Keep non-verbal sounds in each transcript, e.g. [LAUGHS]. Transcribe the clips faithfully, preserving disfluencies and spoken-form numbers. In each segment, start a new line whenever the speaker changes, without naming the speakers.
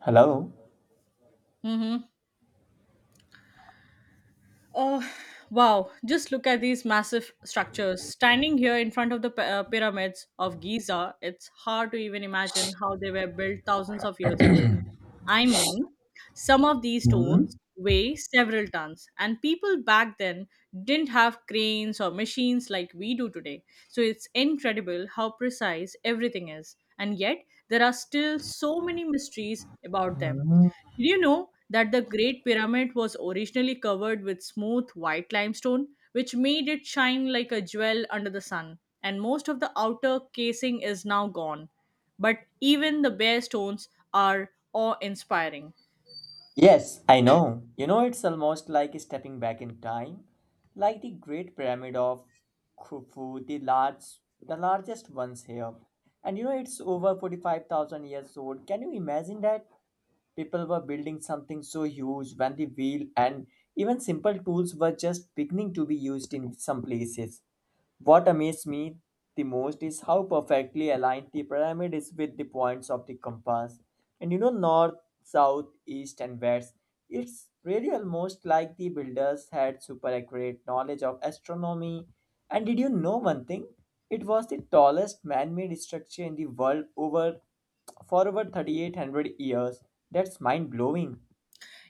Hello.
Mm-hmm. Oh, wow. Just look at these massive structures. Standing here in front of the p- uh, pyramids of Giza, it's hard to even imagine how they were built thousands of years ago. I mean, some of these
Mhm.
stones weigh several tons, and people back then didn't have cranes or machines like we do today. So it's incredible how precise everything is. And yet, there are still so many mysteries about them. Did you know that the Great Pyramid was originally covered with smooth white limestone, which made it shine like a jewel under the sun? And most of the outer casing is now gone. But even the bare stones are awe inspiring.
Yes, I know. You know, it's almost like stepping back in time, like the Great Pyramid of Khufu, the large, the largest ones here. And you know, it's over forty-five thousand years old. Can you imagine that people were building something so huge when the wheel and even simple tools were just beginning to be used in some places? What amazed me the most is how perfectly aligned the pyramid is with the points of the compass. And you know, north, south, east, and west. It's really almost like the builders had super accurate knowledge of astronomy. And did you know one thing? It was the tallest man made structure in the world over for over thirty-eight hundred years. That's mind blowing.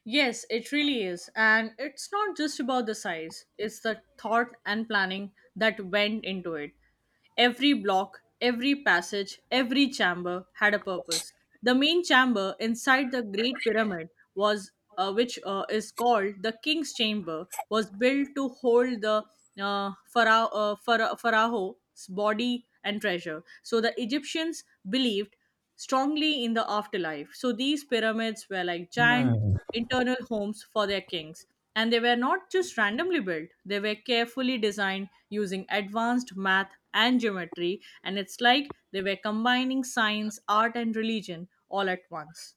Yes, it really is. And it's not just about the size, it's the thought and planning that went into it. Every block, every passage, every chamber had a purpose. The main chamber inside the Great Pyramid was uh, which uh, is called the King's Chamber was built to hold the uh, phara- uh, phara- pharaoh's body and treasure. So the Egyptians believed strongly in the afterlife. So these pyramids were like giant
Hmm.
internal homes for their kings. And they were not just randomly built, they were carefully designed using advanced math and geometry. And it's like they were combining science, art, and religion all at once.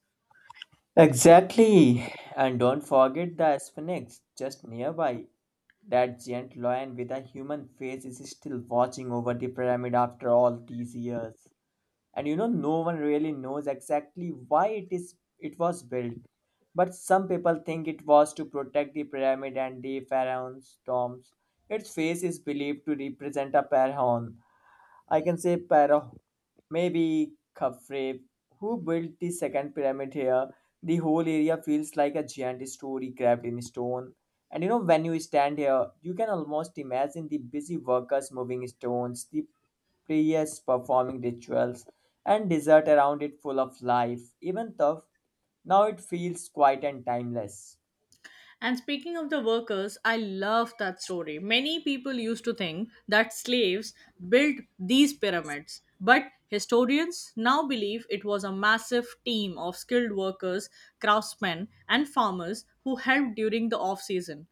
Exactly. And don't forget the Sphinx just nearby. That giant lion with a human face is still watching over the pyramid after all these years. And you know, no one really knows exactly why it is it was built. But some people think it was to protect the pyramid and the pharaoh's tombs. Its face is believed to represent a pharaoh, I can say Pharaoh, maybe Khafre, who built the second pyramid here. The whole area feels like a giant story carved in stone. And you know, when you stand here, you can almost imagine the busy workers moving stones, the priests performing rituals, and desert around it full of life. Even though now it feels quiet and timeless.
And speaking of the workers, I love that story. Many people used to think that slaves built these pyramids, but historians now believe it was a massive team of skilled workers, craftsmen, and farmers who helped during the off season.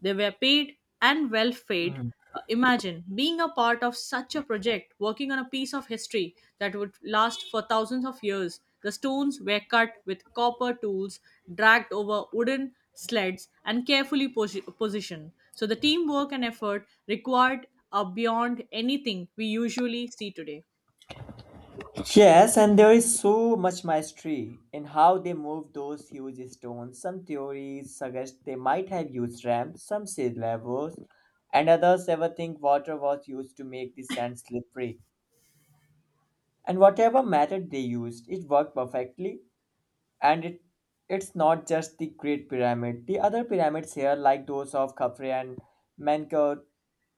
They were paid and well paid. Uh, Imagine being a part of such a project, working on a piece of history that would last for thousands of years. The stones were cut with copper tools, dragged over wooden sleds, and carefully posi- positioned. So the teamwork and effort required are beyond anything we usually see today.
Yes, and there is so much mystery in how they moved those huge stones. Some theories suggest they might have used ramps, some say levers, and others ever think water was used to make the sand slippery. And whatever method they used, it worked perfectly. And it It's not just the Great Pyramid. The other pyramids here, like those of Khafre and Menkaure,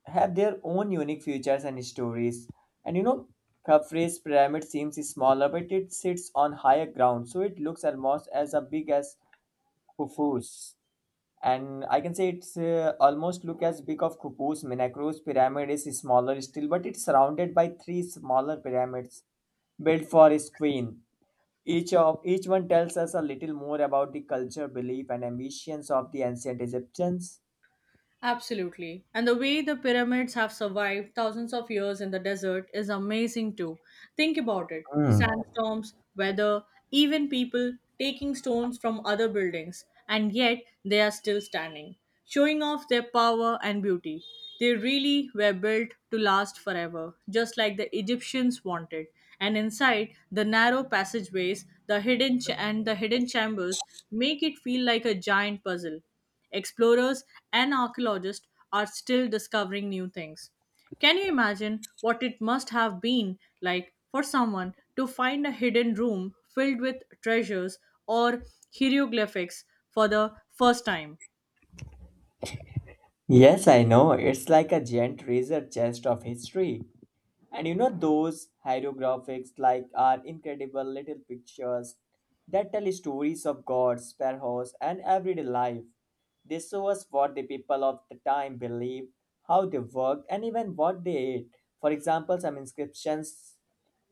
have their own unique features and stories. And you know, Khafre's pyramid seems smaller, but it sits on higher ground, so it looks almost as a big as Khufu's. And I can say it's uh, almost look as big of Khufu's. Menakare's pyramid is smaller still, but it's surrounded by three smaller pyramids built for his queen. Each of each one tells us a little more about the culture, belief, and ambitions of the ancient Egyptians.
Absolutely. And the way the pyramids have survived thousands of years in the desert is amazing too. Think about it
Hmm.
sandstorms, weather, even people taking stones from other buildings, and yet they are still standing, showing off their power and beauty. They really were built to last forever, just like the Egyptians wanted. And inside the narrow passageways, the hidden ch- and the hidden chambers make it feel like a giant puzzle. Explorers and archaeologists are still discovering new things. Can you imagine what it must have been like for someone to find a hidden room filled with treasures or hieroglyphics for the first time?
Yes, I know. It's like a giant treasure chest of history. And you know those hieroglyphics like are incredible little pictures that tell stories of gods, pharaohs, and everyday life. They show us what the people of the time believed, how they worked, and even what they ate. For example, some inscriptions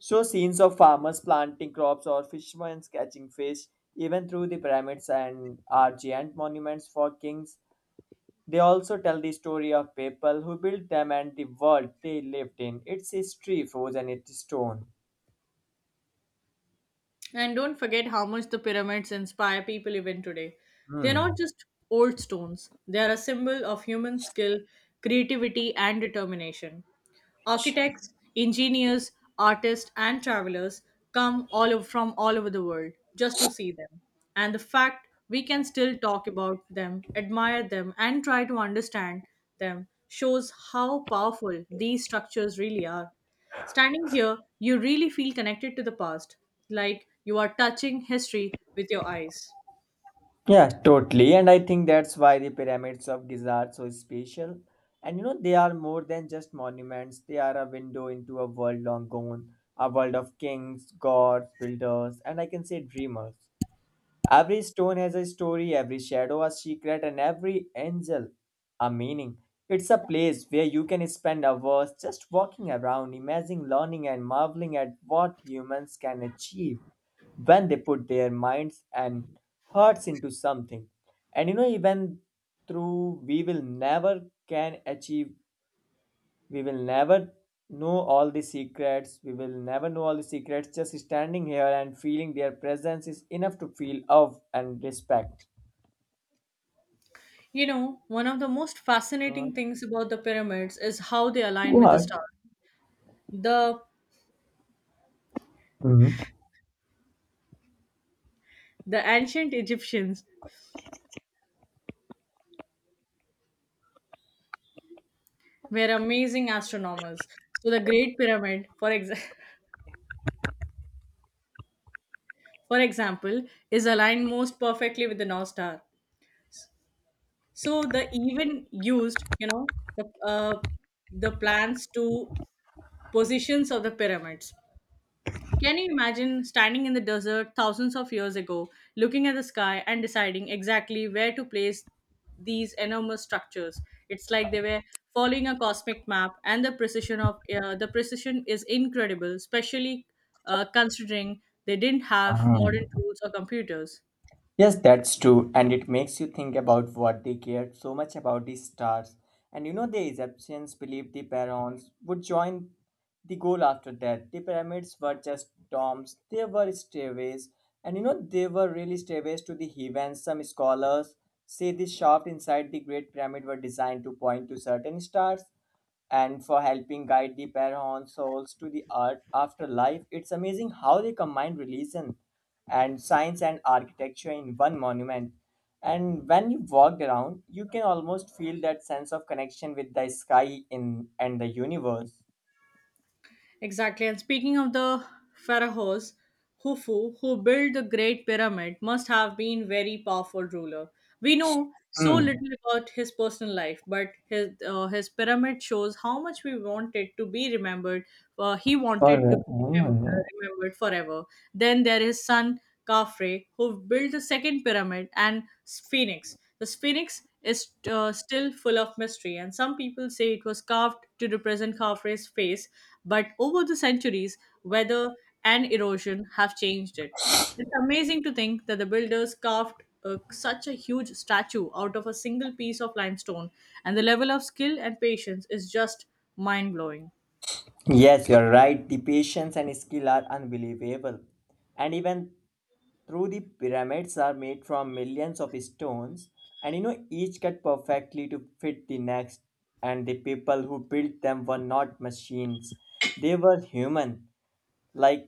show scenes of farmers planting crops or fishermen catching fish, even through the pyramids and are giant monuments for kings they also tell the story of people who built them and the world they lived in. Its history frozen in stone.
And don't forget how much the pyramids inspire people even today. They are
Hmm.
not just old stones, they are a symbol of human skill, creativity, and determination. Architects, engineers, artists, and travelers come all over, from all over the world just to see them. And the fact we can still talk about them, admire them, and try to understand them shows how powerful these structures really are. Standing here, you really feel connected to the past, like you are touching history with your eyes.
Yeah, totally. And I think that's why the pyramids of Giza are so special. And you know, they are more than just monuments, they are a window into a world long gone, a world of kings, gods, builders, and I can say dreamers. Every stone has a story, every shadow a secret, and every angel a meaning. It's a place where you can spend hours just walking around, imagining, learning, and marveling at what humans can achieve when they put their minds and hearts into something. And you know, even through we will never can achieve we will never know all the secrets we will never know all the secrets just standing here and feeling their presence is enough to feel awe and respect.
You know, one of the most fascinating things about the pyramids is how they align with the
What?
stars. The
Mhm.
the ancient Egyptians were amazing astronomers. So the Great Pyramid, for exa- [LAUGHS] for example, is aligned most perfectly with the North Star. So the even used, you know, the uh, the plans to positions of the pyramids. Can you imagine standing in the desert thousands of years ago, looking at the sky and deciding exactly where to place these enormous structures? It's like they were following a cosmic map, and the precision of uh, the precision is incredible, especially uh, considering they didn't have modern
Ah.
tools or computers.
Yes, that's true, and it makes you think about what they cared so much about the stars. And you know, the Egyptians believed the pharaohs would join the goal after that. The pyramids were just domes, they were stairways, and you know, they were really stairways to the heavens. Some scholars say the shaft inside the Great Pyramid were designed to point to certain stars and for helping guide the Parahon souls to the art afterlife. It's amazing how they combine religion and science and architecture in one monument. And when you walked around, you can almost feel that sense of connection with the sky in and the universe.
Exactly. And speaking of the pharaohs, Khufu, who built the Great Pyramid, must have been very powerful ruler. We know so
Hmm.
little about his personal life, but his uh, his pyramid shows how much we wanted to be remembered. Uh, he wanted to
For-
be remem- uh, remembered forever. Then there is son Khafre, who built the second pyramid, and Sphinx. The Sphinx is uh, still full of mystery, and some people say it was carved to represent Khafre's face, but over the centuries, weather and erosion have changed it. It's amazing to think that the builders carved uh, such a huge statue out of a single piece of limestone, and the level of skill and patience is just mind blowing.
Yes, you're right. The patience and skill are unbelievable. And even through the pyramids are made from millions of stones, and you know, each cut perfectly to fit the next. And the people who built them were not machines, they were human. Like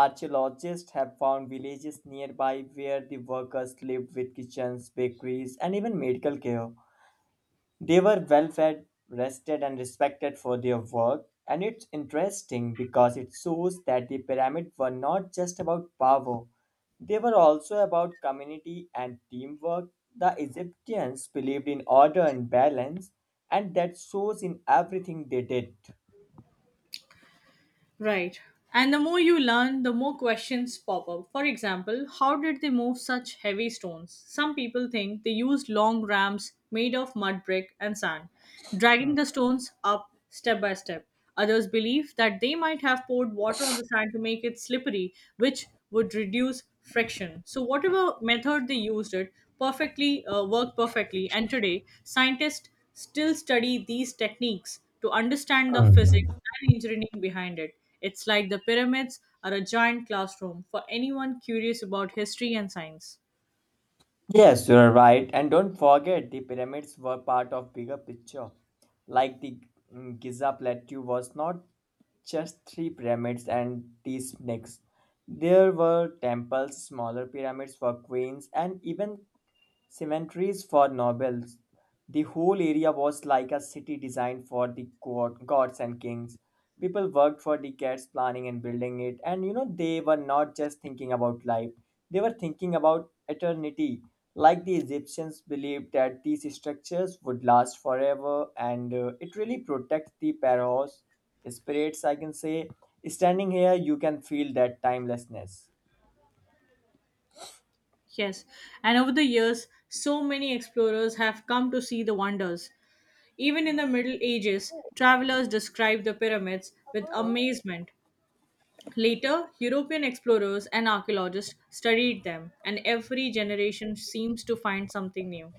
archaeologists have found villages nearby where the workers lived with kitchens, bakeries, and even medical care. They were well fed, rested, and respected for their work. And it's interesting because it shows that the pyramids were not just about power, they were also about community and teamwork. The Egyptians believed in order and balance, and that shows in everything they did.
Right. And the more you learn, the more questions pop up. For example, how did they move such heavy stones? Some people think they used long ramps made of mud brick and sand, dragging the stones up step by step. Others believe that they might have poured water on the sand to make it slippery, which would reduce friction. So, whatever method they used, it perfectly uh, worked perfectly. And today, scientists still study these techniques to understand the
Hmm.
physics and engineering behind it. It's like the pyramids are a giant classroom for anyone curious about history and science.
Yes, you are right. And don't forget, the pyramids were part of bigger picture. Like the mm, Giza plateau was not just three pyramids and these snakes. There were temples, smaller pyramids for queens, and even cemeteries for nobles. The whole area was like a city designed for the god- gods and kings. People worked for decades planning and building it, and you know, they were not just thinking about life, they were thinking about eternity. Like the Egyptians believed that these structures would last forever, and uh, it really protects the pharaoh's spirits, I can say. Standing here, you can feel that timelessness.
Yes, and over the years, so many explorers have come to see the wonders. Even in the Middle Ages, travelers described the pyramids with amazement. Later, European explorers and archaeologists studied them, and every generation seems to find something new.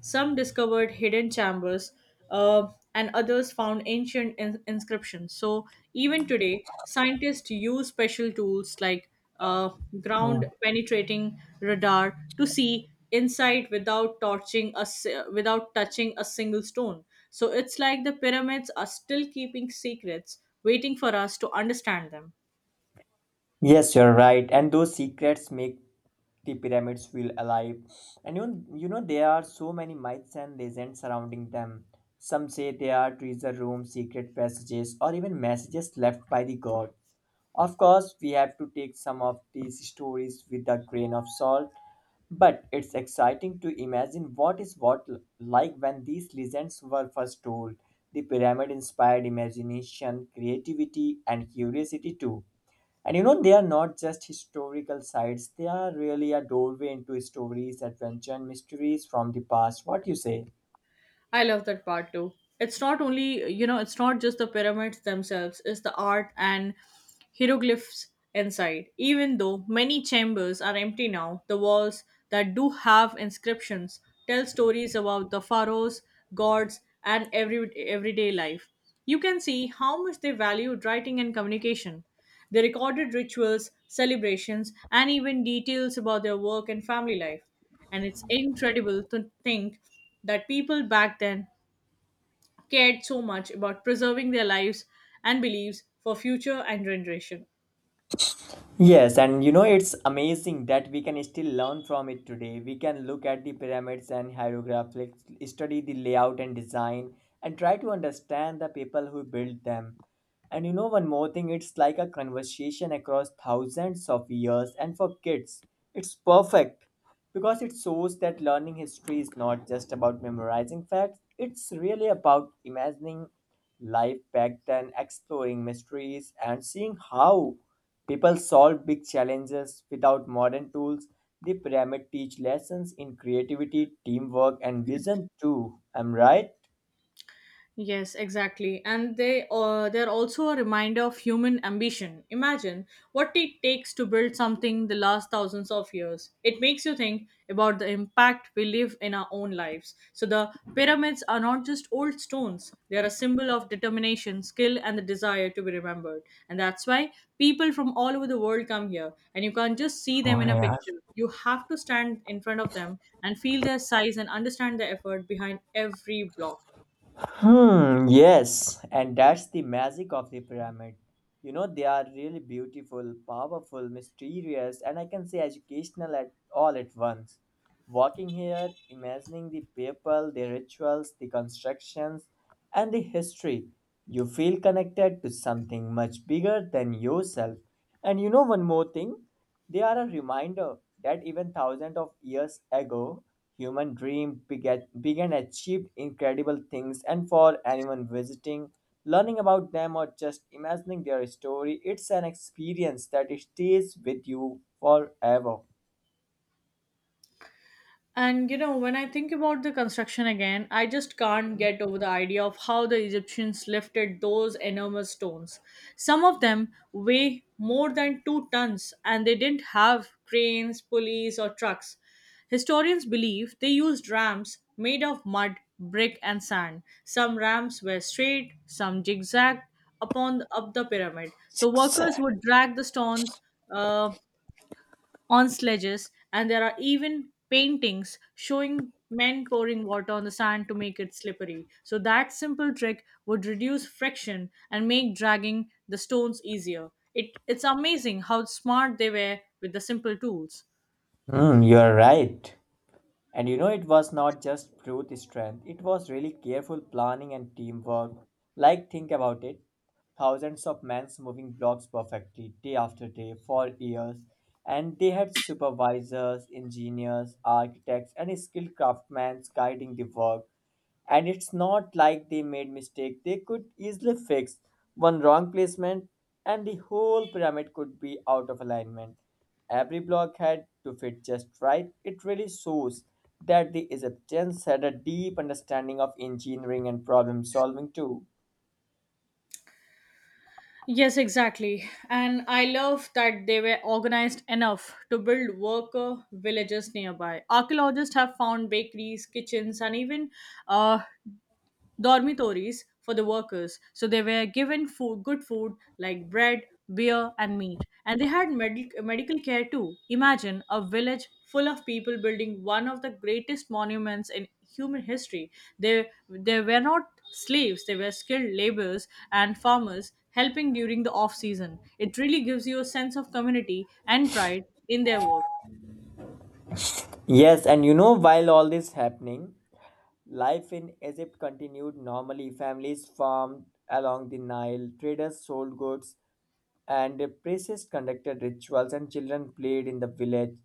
Some discovered hidden chambers, uh, and others found ancient in- inscriptions. So, even today, scientists use special tools like uh,
Mm.
ground penetrating radar to see inside without torching a, si- without touching a single stone. So, it's like the pyramids are still keeping secrets, waiting for us to understand them.
Yes, you're right. And those secrets make the pyramids feel alive and you, you know there are so many myths and legends surrounding them, some say they are treasure rooms, secret passages, or even messages left by the god. Of course we have to take some of these stories with a grain of salt, but it's exciting to imagine what is what like when these legends were first told. The pyramid inspired imagination, creativity, and curiosity too. And you know, they are not just historical sites, they are really a doorway into stories, adventure, and mysteries from the past. What you say?
I love that part too. It's not only, you know, It's not just the pyramids themselves, it's the art and hieroglyphs inside. Even though many chambers are empty now, the walls that do have inscriptions tell stories about the pharaohs, gods, and every everyday life. You can see how much they valued writing and communication. They recorded rituals, celebrations, and even details about their work and family life. And it's incredible to think that people back then cared so much about preserving their lives and beliefs for future and generation.
Yes, and you know, it's amazing that we can still learn from it today. We can look at the pyramids and hieroglyphics, study the layout and design, and try to understand the people who built them. And you know, one more thing, it's like a conversation across thousands of years, and for kids, it's perfect because it shows that learning history is not just about memorizing facts, it's really about imagining life back then, exploring mysteries and seeing how people solve big challenges without modern tools. The pyramid teach lessons in creativity, teamwork, and vision too. Am I right?
Yes, exactly. And they uh, they're also a reminder of human ambition. Imagine what it takes to build something the last thousands of years. It makes you think about the impact we live in our own lives. So the pyramids are not just old stones. They are a symbol of determination, skill and the desire to be remembered. And that's why people from all over the world come here and you can't just see
Oh,
them in a
yeah.
picture. You have to stand in front of them and feel their size and understand the effort behind every block.
Hmm, yes, and that's the magic of the pyramid. You know, they are really beautiful, powerful, mysterious, and I can say educational at all at once. Walking here, imagining the people, the rituals, the constructions, and the history, you feel connected to something much bigger than yourself. And you know one more thing? They are a reminder that even thousands of years ago, human dream begat, began achieved incredible things, and for anyone visiting, learning about them or just imagining their story, it's an experience that stays with you forever.
And you know, when I think about the construction again, I just can't
Mhm.
get over the idea of how the Egyptians lifted those enormous stones. Some of them weigh more than two tons, and they didn't have cranes, pulleys, or trucks. Historians believe they used rams made of mud, brick, and sand. Some rams were straight, some zigzagged upon up the pyramid. So
Success.
workers would drag the stones uh, on sledges, and there are even paintings showing men pouring water on the sand to make it slippery. So, that simple trick would reduce friction and make dragging the stones easier. It, it's amazing how smart they were with the simple tools.
Hmm, you are right. And you know, it was not just brute strength, it was really careful planning and teamwork. Like, think about it, thousands of men moving blocks perfectly day after day for years, and they had supervisors, engineers, architects, and skilled craftsmen guiding the work. And it's not like they made mistake they could easily fix. One wrong placement and the whole pyramid could be out of alignment. Every block had to fit just right. It really shows that the Egyptians had a deep understanding of engineering and problem solving too.
Yes, exactly. And I love that they were organized enough to build worker villages nearby. Archaeologists have found bakeries, kitchens, and even uh, dormitories for the workers. So they were given food, good food like bread, beer, and meat. And they had med- medical care too. Imagine a village full of people building one of the greatest monuments in human history. They, they were not slaves, they were skilled laborers and farmers helping during the off season. It really gives you a sense of community and pride in their work.
Yes, and you know, while all this happening, life in Egypt continued normally. Families farmed along the Nile, traders sold goods, and the priests conducted rituals, and children played in the village.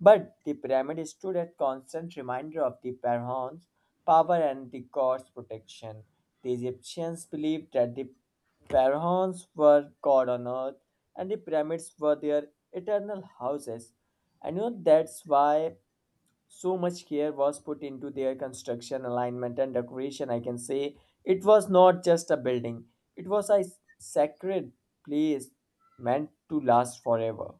But the pyramid stood a constant reminder of the pharaoh's power and the god's protection. The Egyptians believed that the pharaohs were god on earth and the pyramids were their eternal houses. And you know that's why so much care was put into their construction, alignment, and decoration, I can say. It was not just a building, it was a sacred place meant to last forever.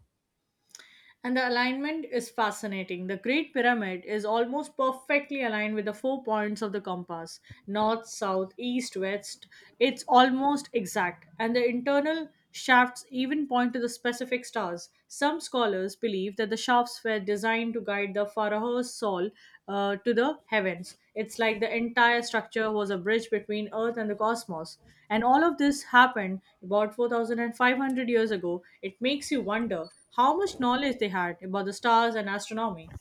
And the alignment is fascinating. The Great Pyramid is almost perfectly aligned with the four points of the compass north, south, east, west. It's almost exact. And the internal shafts even point to the specific stars. Some scholars believe that the shafts were designed to guide the pharaoh's soul uh, to the heavens. It's like the entire structure was a bridge between Earth and the cosmos. And all of this happened about four thousand five hundred years ago. It makes you wonder how much knowledge they had about the stars and astronomy.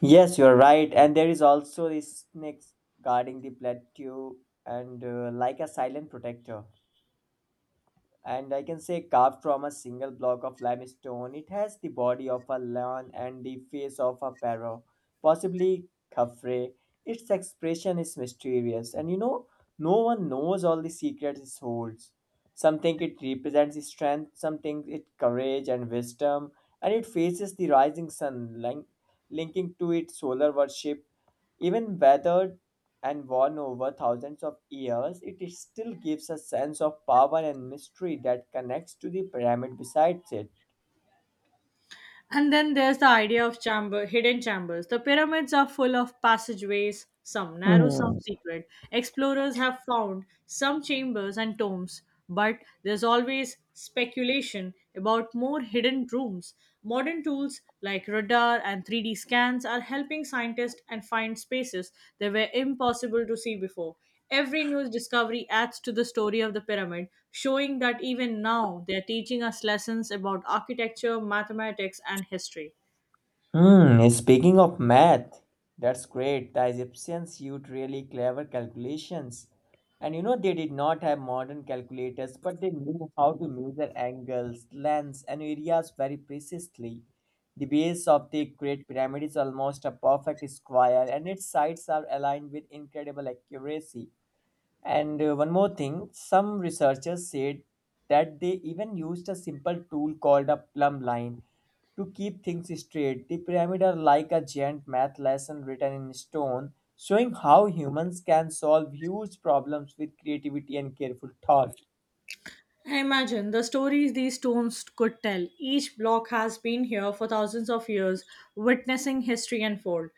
Yes, you're right, and there is also a snake guarding the plateau, and uh, like a silent protector, and I can say carved from a single block of limestone. It has the body of a lion and the face of a pharaoh, possibly Khafre. Its expression is mysterious, and you know, no one knows all the secrets it holds. Some think it represents strength, some think it courage and wisdom, and it faces the rising sun, link- linking to its solar worship even weathered and worn over thousands of years, it still gives a sense of power and mystery that connects to the pyramid besides it.
And then there's the idea of chamber, hidden chambers. The pyramids are full of passageways, some narrow,
Hmm.
some secret. Explorers have found some chambers and tombs, but there's always speculation about more hidden rooms. Modern tools like radar and three D scans are helping scientists and find spaces that were impossible to see before. Every news discovery adds to the story of the pyramid, showing that even now they're teaching us lessons about architecture, mathematics, and history.
Hmm, speaking of math, that's great. The Egyptians used really clever calculations. And you know, they did not have modern calculators, but they knew how to measure angles, lengths, and areas very precisely. The base of the Great Pyramid is almost a perfect square, and its sides are aligned with incredible accuracy. And uh, one more thing, some researchers said that they even used a simple tool called a plumb line to keep things straight. The pyramid are like a giant math lesson written in stone, showing how humans can solve huge problems with creativity and careful thought.
I imagine the stories these stones could tell. Each block has been here for thousands of years, witnessing history unfold.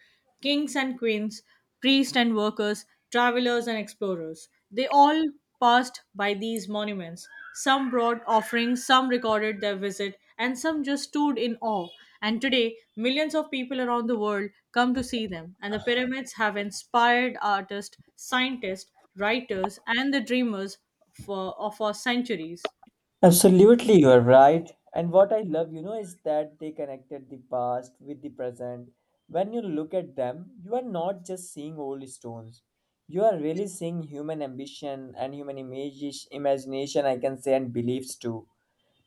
Kings and queens, priests and workers, travelers and explorers. They all passed by these monuments. Some brought offerings, some recorded their visit, and some just stood in awe. And today, millions of people around the world come to see them, and the pyramids have inspired artists, scientists, writers, and the dreamers for, or for centuries.
Absolutely, you are right. And what I love, you know, is that they connected the past with the present. When you look at them, you are not just seeing old stones. You are really seeing human ambition and human imagis- imagination, I can say, and beliefs too.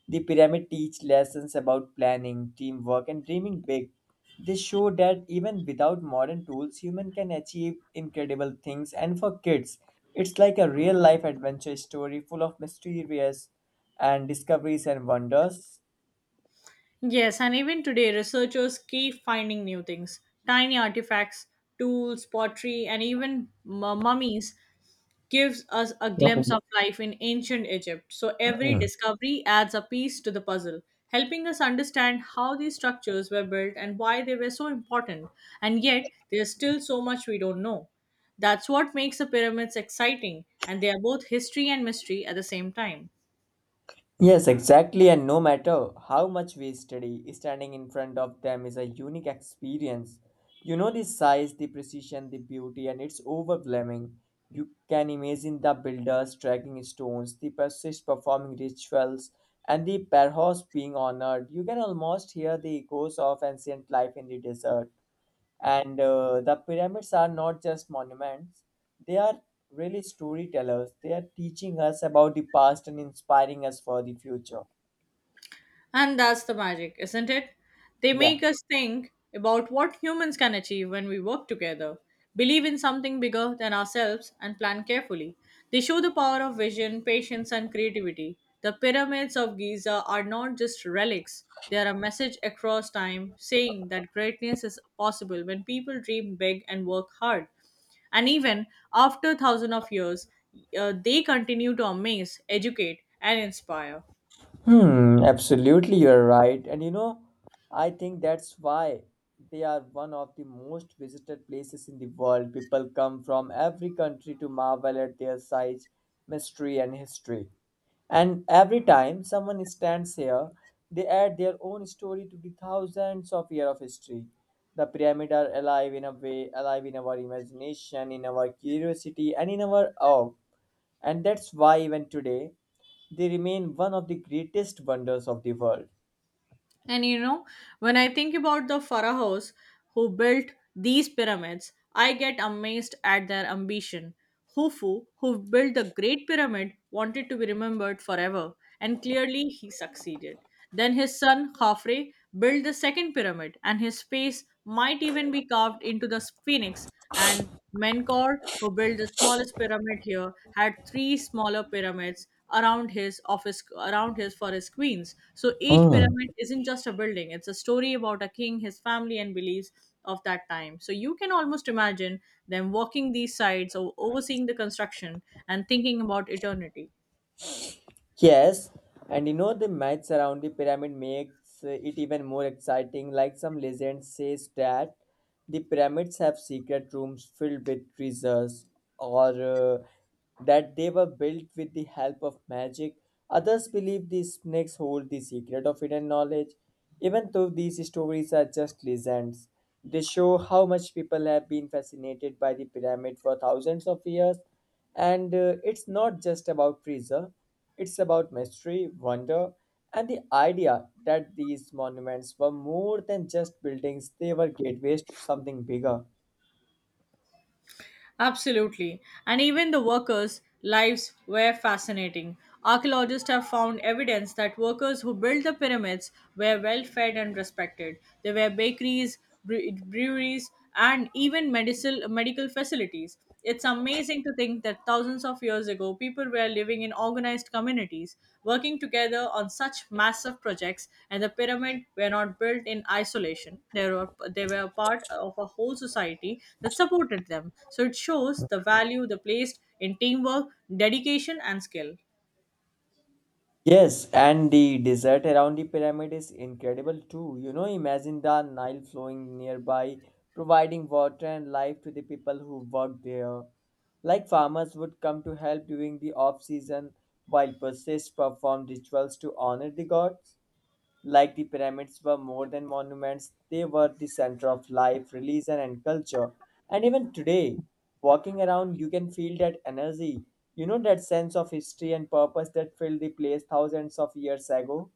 The pyramid teach lessons about planning, teamwork, and dreaming big. They show that even without modern tools, human can achieve incredible things. And for kids, it's like a real life adventure story full of mysterious and discoveries and wonders.
Yes, and even today, researchers keep finding new things. Tiny artifacts, tools, pottery, and even mu- mummies gives us a glimpse of life in ancient Egypt. So every discovery adds a piece to the puzzle, helping us understand how these structures were built and why they were so important. And yet, there's still so much we don't know. That's what makes the pyramids exciting, and they are both history and mystery at the same time.
Yes, exactly. And no matter how much we study, standing in front of them is a unique experience. You know the size, the precision, the beauty, and it's overwhelming. You can imagine the builders tracking stones, the priests performing rituals, and the pharaohs being honored. You can almost hear the echoes of ancient life in the desert. And uh, the pyramids are not just monuments, they are really storytellers. They are teaching us about the past and inspiring us for the future.
And that's the magic, isn't it? They
Yeah.
make us think about what humans can achieve when we work together, believe in something bigger than ourselves, and plan carefully. They show the power of vision, patience, and creativity. The pyramids of Giza are not just relics, they are a message across time saying that greatness is possible when people dream big and work hard. And even after thousands of years, uh, they continue to amaze, educate, and inspire.
Hmm, absolutely, you're right. And you know, I think that's why they are one of the most visited places in the world. People come from every country to marvel at their size, mystery, and history. And every time someone stands here, they add their own story to the thousands of years of history. The pyramids are alive in a way, alive in our imagination, in our curiosity, and in our awe. And that's why even today they remain one of the greatest wonders of the world.
And you know, when I think about the pharaohs who built these pyramids, I get amazed at their ambition. Khufu, who built the Great Pyramid, wanted to be remembered forever, and clearly he succeeded. Then his son Khafre built the second pyramid, and his face might even be carved into the phoenix. And Menkaure, who built the smallest pyramid here, had three smaller pyramids around his office around his for his queens. So each pyramid isn't just a building, it's a story about a king, his family and beliefs of that time. So you can almost imagine them walking these sites or overseeing the construction and thinking about eternity.
Yes, and you know the myths around the pyramid makes uh, it even more exciting. Like some legend says that the pyramids have secret rooms filled with treasures, or uh, that they were built with the help of magic. Others believe the snakes hold the secret of hidden knowledge. Even though these stories are just legends, they show how much people have been fascinated by the pyramid for thousands of years. And uh, it's not just about treasure, it's about mystery, wonder, and the idea that these monuments were more than just buildings, they were gateways to something bigger.
Absolutely. And even the workers' lives were fascinating. Archaeologists have found evidence that workers who built the pyramids were well fed and respected. There were bakeries, bre- breweries, and even medical, medical facilities. It's amazing to think that thousands of years ago, people were living in organized communities, working together on such massive projects, and the pyramids were not built in isolation. They were, they were a part of a whole society that supported them. So it shows the value they placed in teamwork, dedication, and skill.
Yes, and the desert around the pyramid is incredible too. You know, imagine the Nile flowing nearby, providing water and life to the people who worked there. Like farmers would come to help during the off season, while priests performed rituals to honor the gods. Like the pyramids were more than monuments, they were the center of life, religion, and culture. And even today, walking around, you can feel that energy, you know, that sense of history and purpose that filled the place thousands of years ago.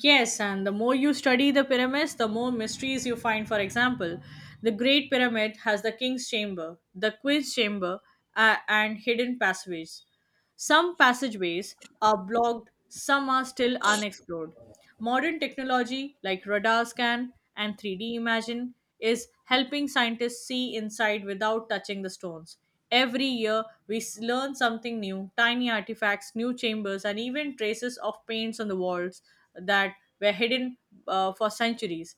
Yes, and the more you study the pyramids, the more mysteries you find. For example, the Great Pyramid has the King's Chamber, the Queen's Chamber, uh, and hidden passages. Some passageways are blocked, some are still unexplored. Modern technology like radar scan and three D imaging is helping scientists see inside without touching the stones. Every year, we s- learn something new tiny artifacts, new chambers, and even traces of paints on the walls that were hidden uh, for centuries.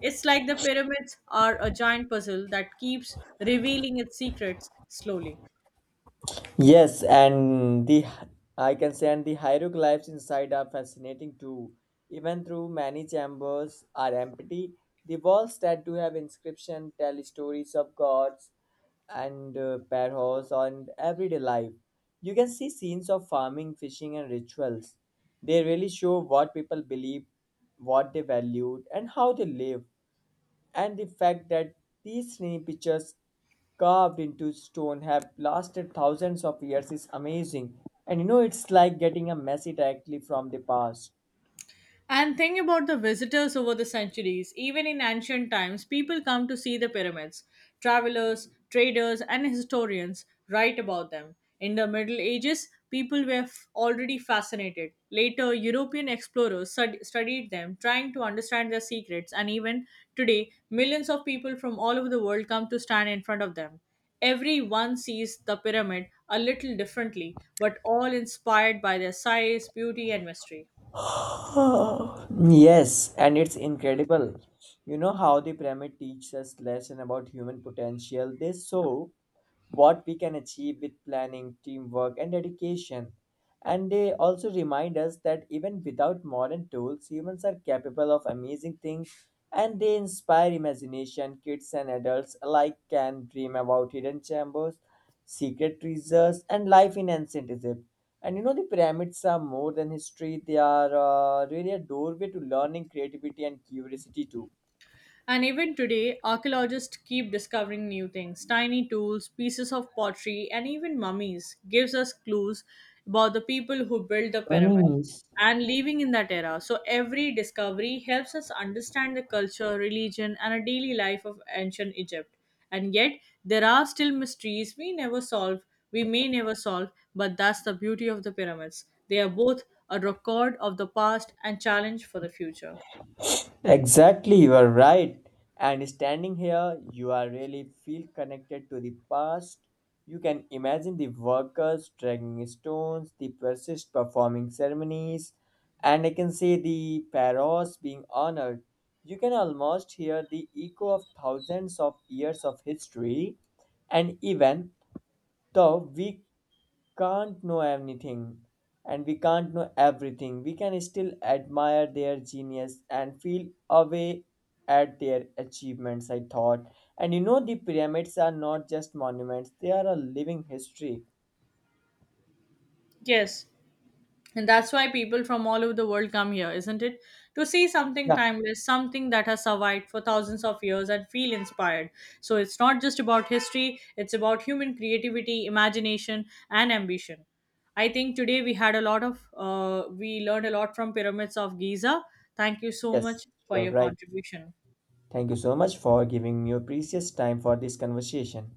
It's like the pyramids are a giant puzzle that keeps revealing its secrets slowly.
Yes, and the I can say and the hieroglyphs inside are fascinating too. Even though many chambers are empty, the walls that do have inscription tell stories of gods and uh, pharaohs and everyday life. You can see scenes of farming, fishing, and rituals. They really show what people believed, what they valued, and how they lived and the fact that these tiny pictures carved into stone have lasted thousands of years is amazing. And you know, it's like getting a message directly from the past.
And think about the visitors over the centuries. Even in ancient times, people come to see the pyramids. Travelers, traders, and historians write about them. In the Middle Ages, people were f- already fascinated. Later, European explorers stud- studied them, trying to understand their secrets, and even today, millions of people from all over the world come to stand in front of them. Everyone sees the pyramid a little differently, but all inspired by their size, beauty, and mystery.
[GASPS] Yes, and it's incredible. You know how the pyramid teaches us lesson about human potential. They show what we can achieve with planning, teamwork, and dedication. And they also remind us that even without modern tools, humans are capable of amazing things and they inspire imagination. Kids and adults alike can dream about hidden chambers, secret treasures, and life in ancient Egypt. And you know, the pyramids are more than history, they are uh, really a doorway to learning, creativity, and curiosity too.
And even today, archaeologists keep discovering new things. Tiny tools, pieces of pottery, and even mummies gives us clues about the people who built the pyramids
Mummies.
and living in that era. So every discovery helps us understand the culture, religion, and a daily life of ancient Egypt. And yet, there are still mysteries we never solve, we may never solve, but that's the beauty of the pyramids. They are both a record of the past and challenge for the future.
Exactly, you are right. And standing here, you are really feel connected to the past. You can imagine the workers dragging stones, the priests performing ceremonies, and I can say the pharaohs being honored. You can almost hear the echo of thousands of years of history. And even though we can't know anything and we can't know everything, we can still admire their genius and feel away at their achievements, I thought. And you know, the pyramids are not just monuments, they are a living history.
Yes, and that's why people from all over the world come here, isn't it? To see something
Yeah,
timeless, something that has survived for thousands of years and feel inspired. So it's not just about history, it's about human creativity, imagination, and ambition. I think today we had a lot of, uh, we learned a lot from Pyramids of Giza. Thank you so
yes,
much for
you're
your
right.
contribution.
Thank you so much for giving me your precious time for this conversation.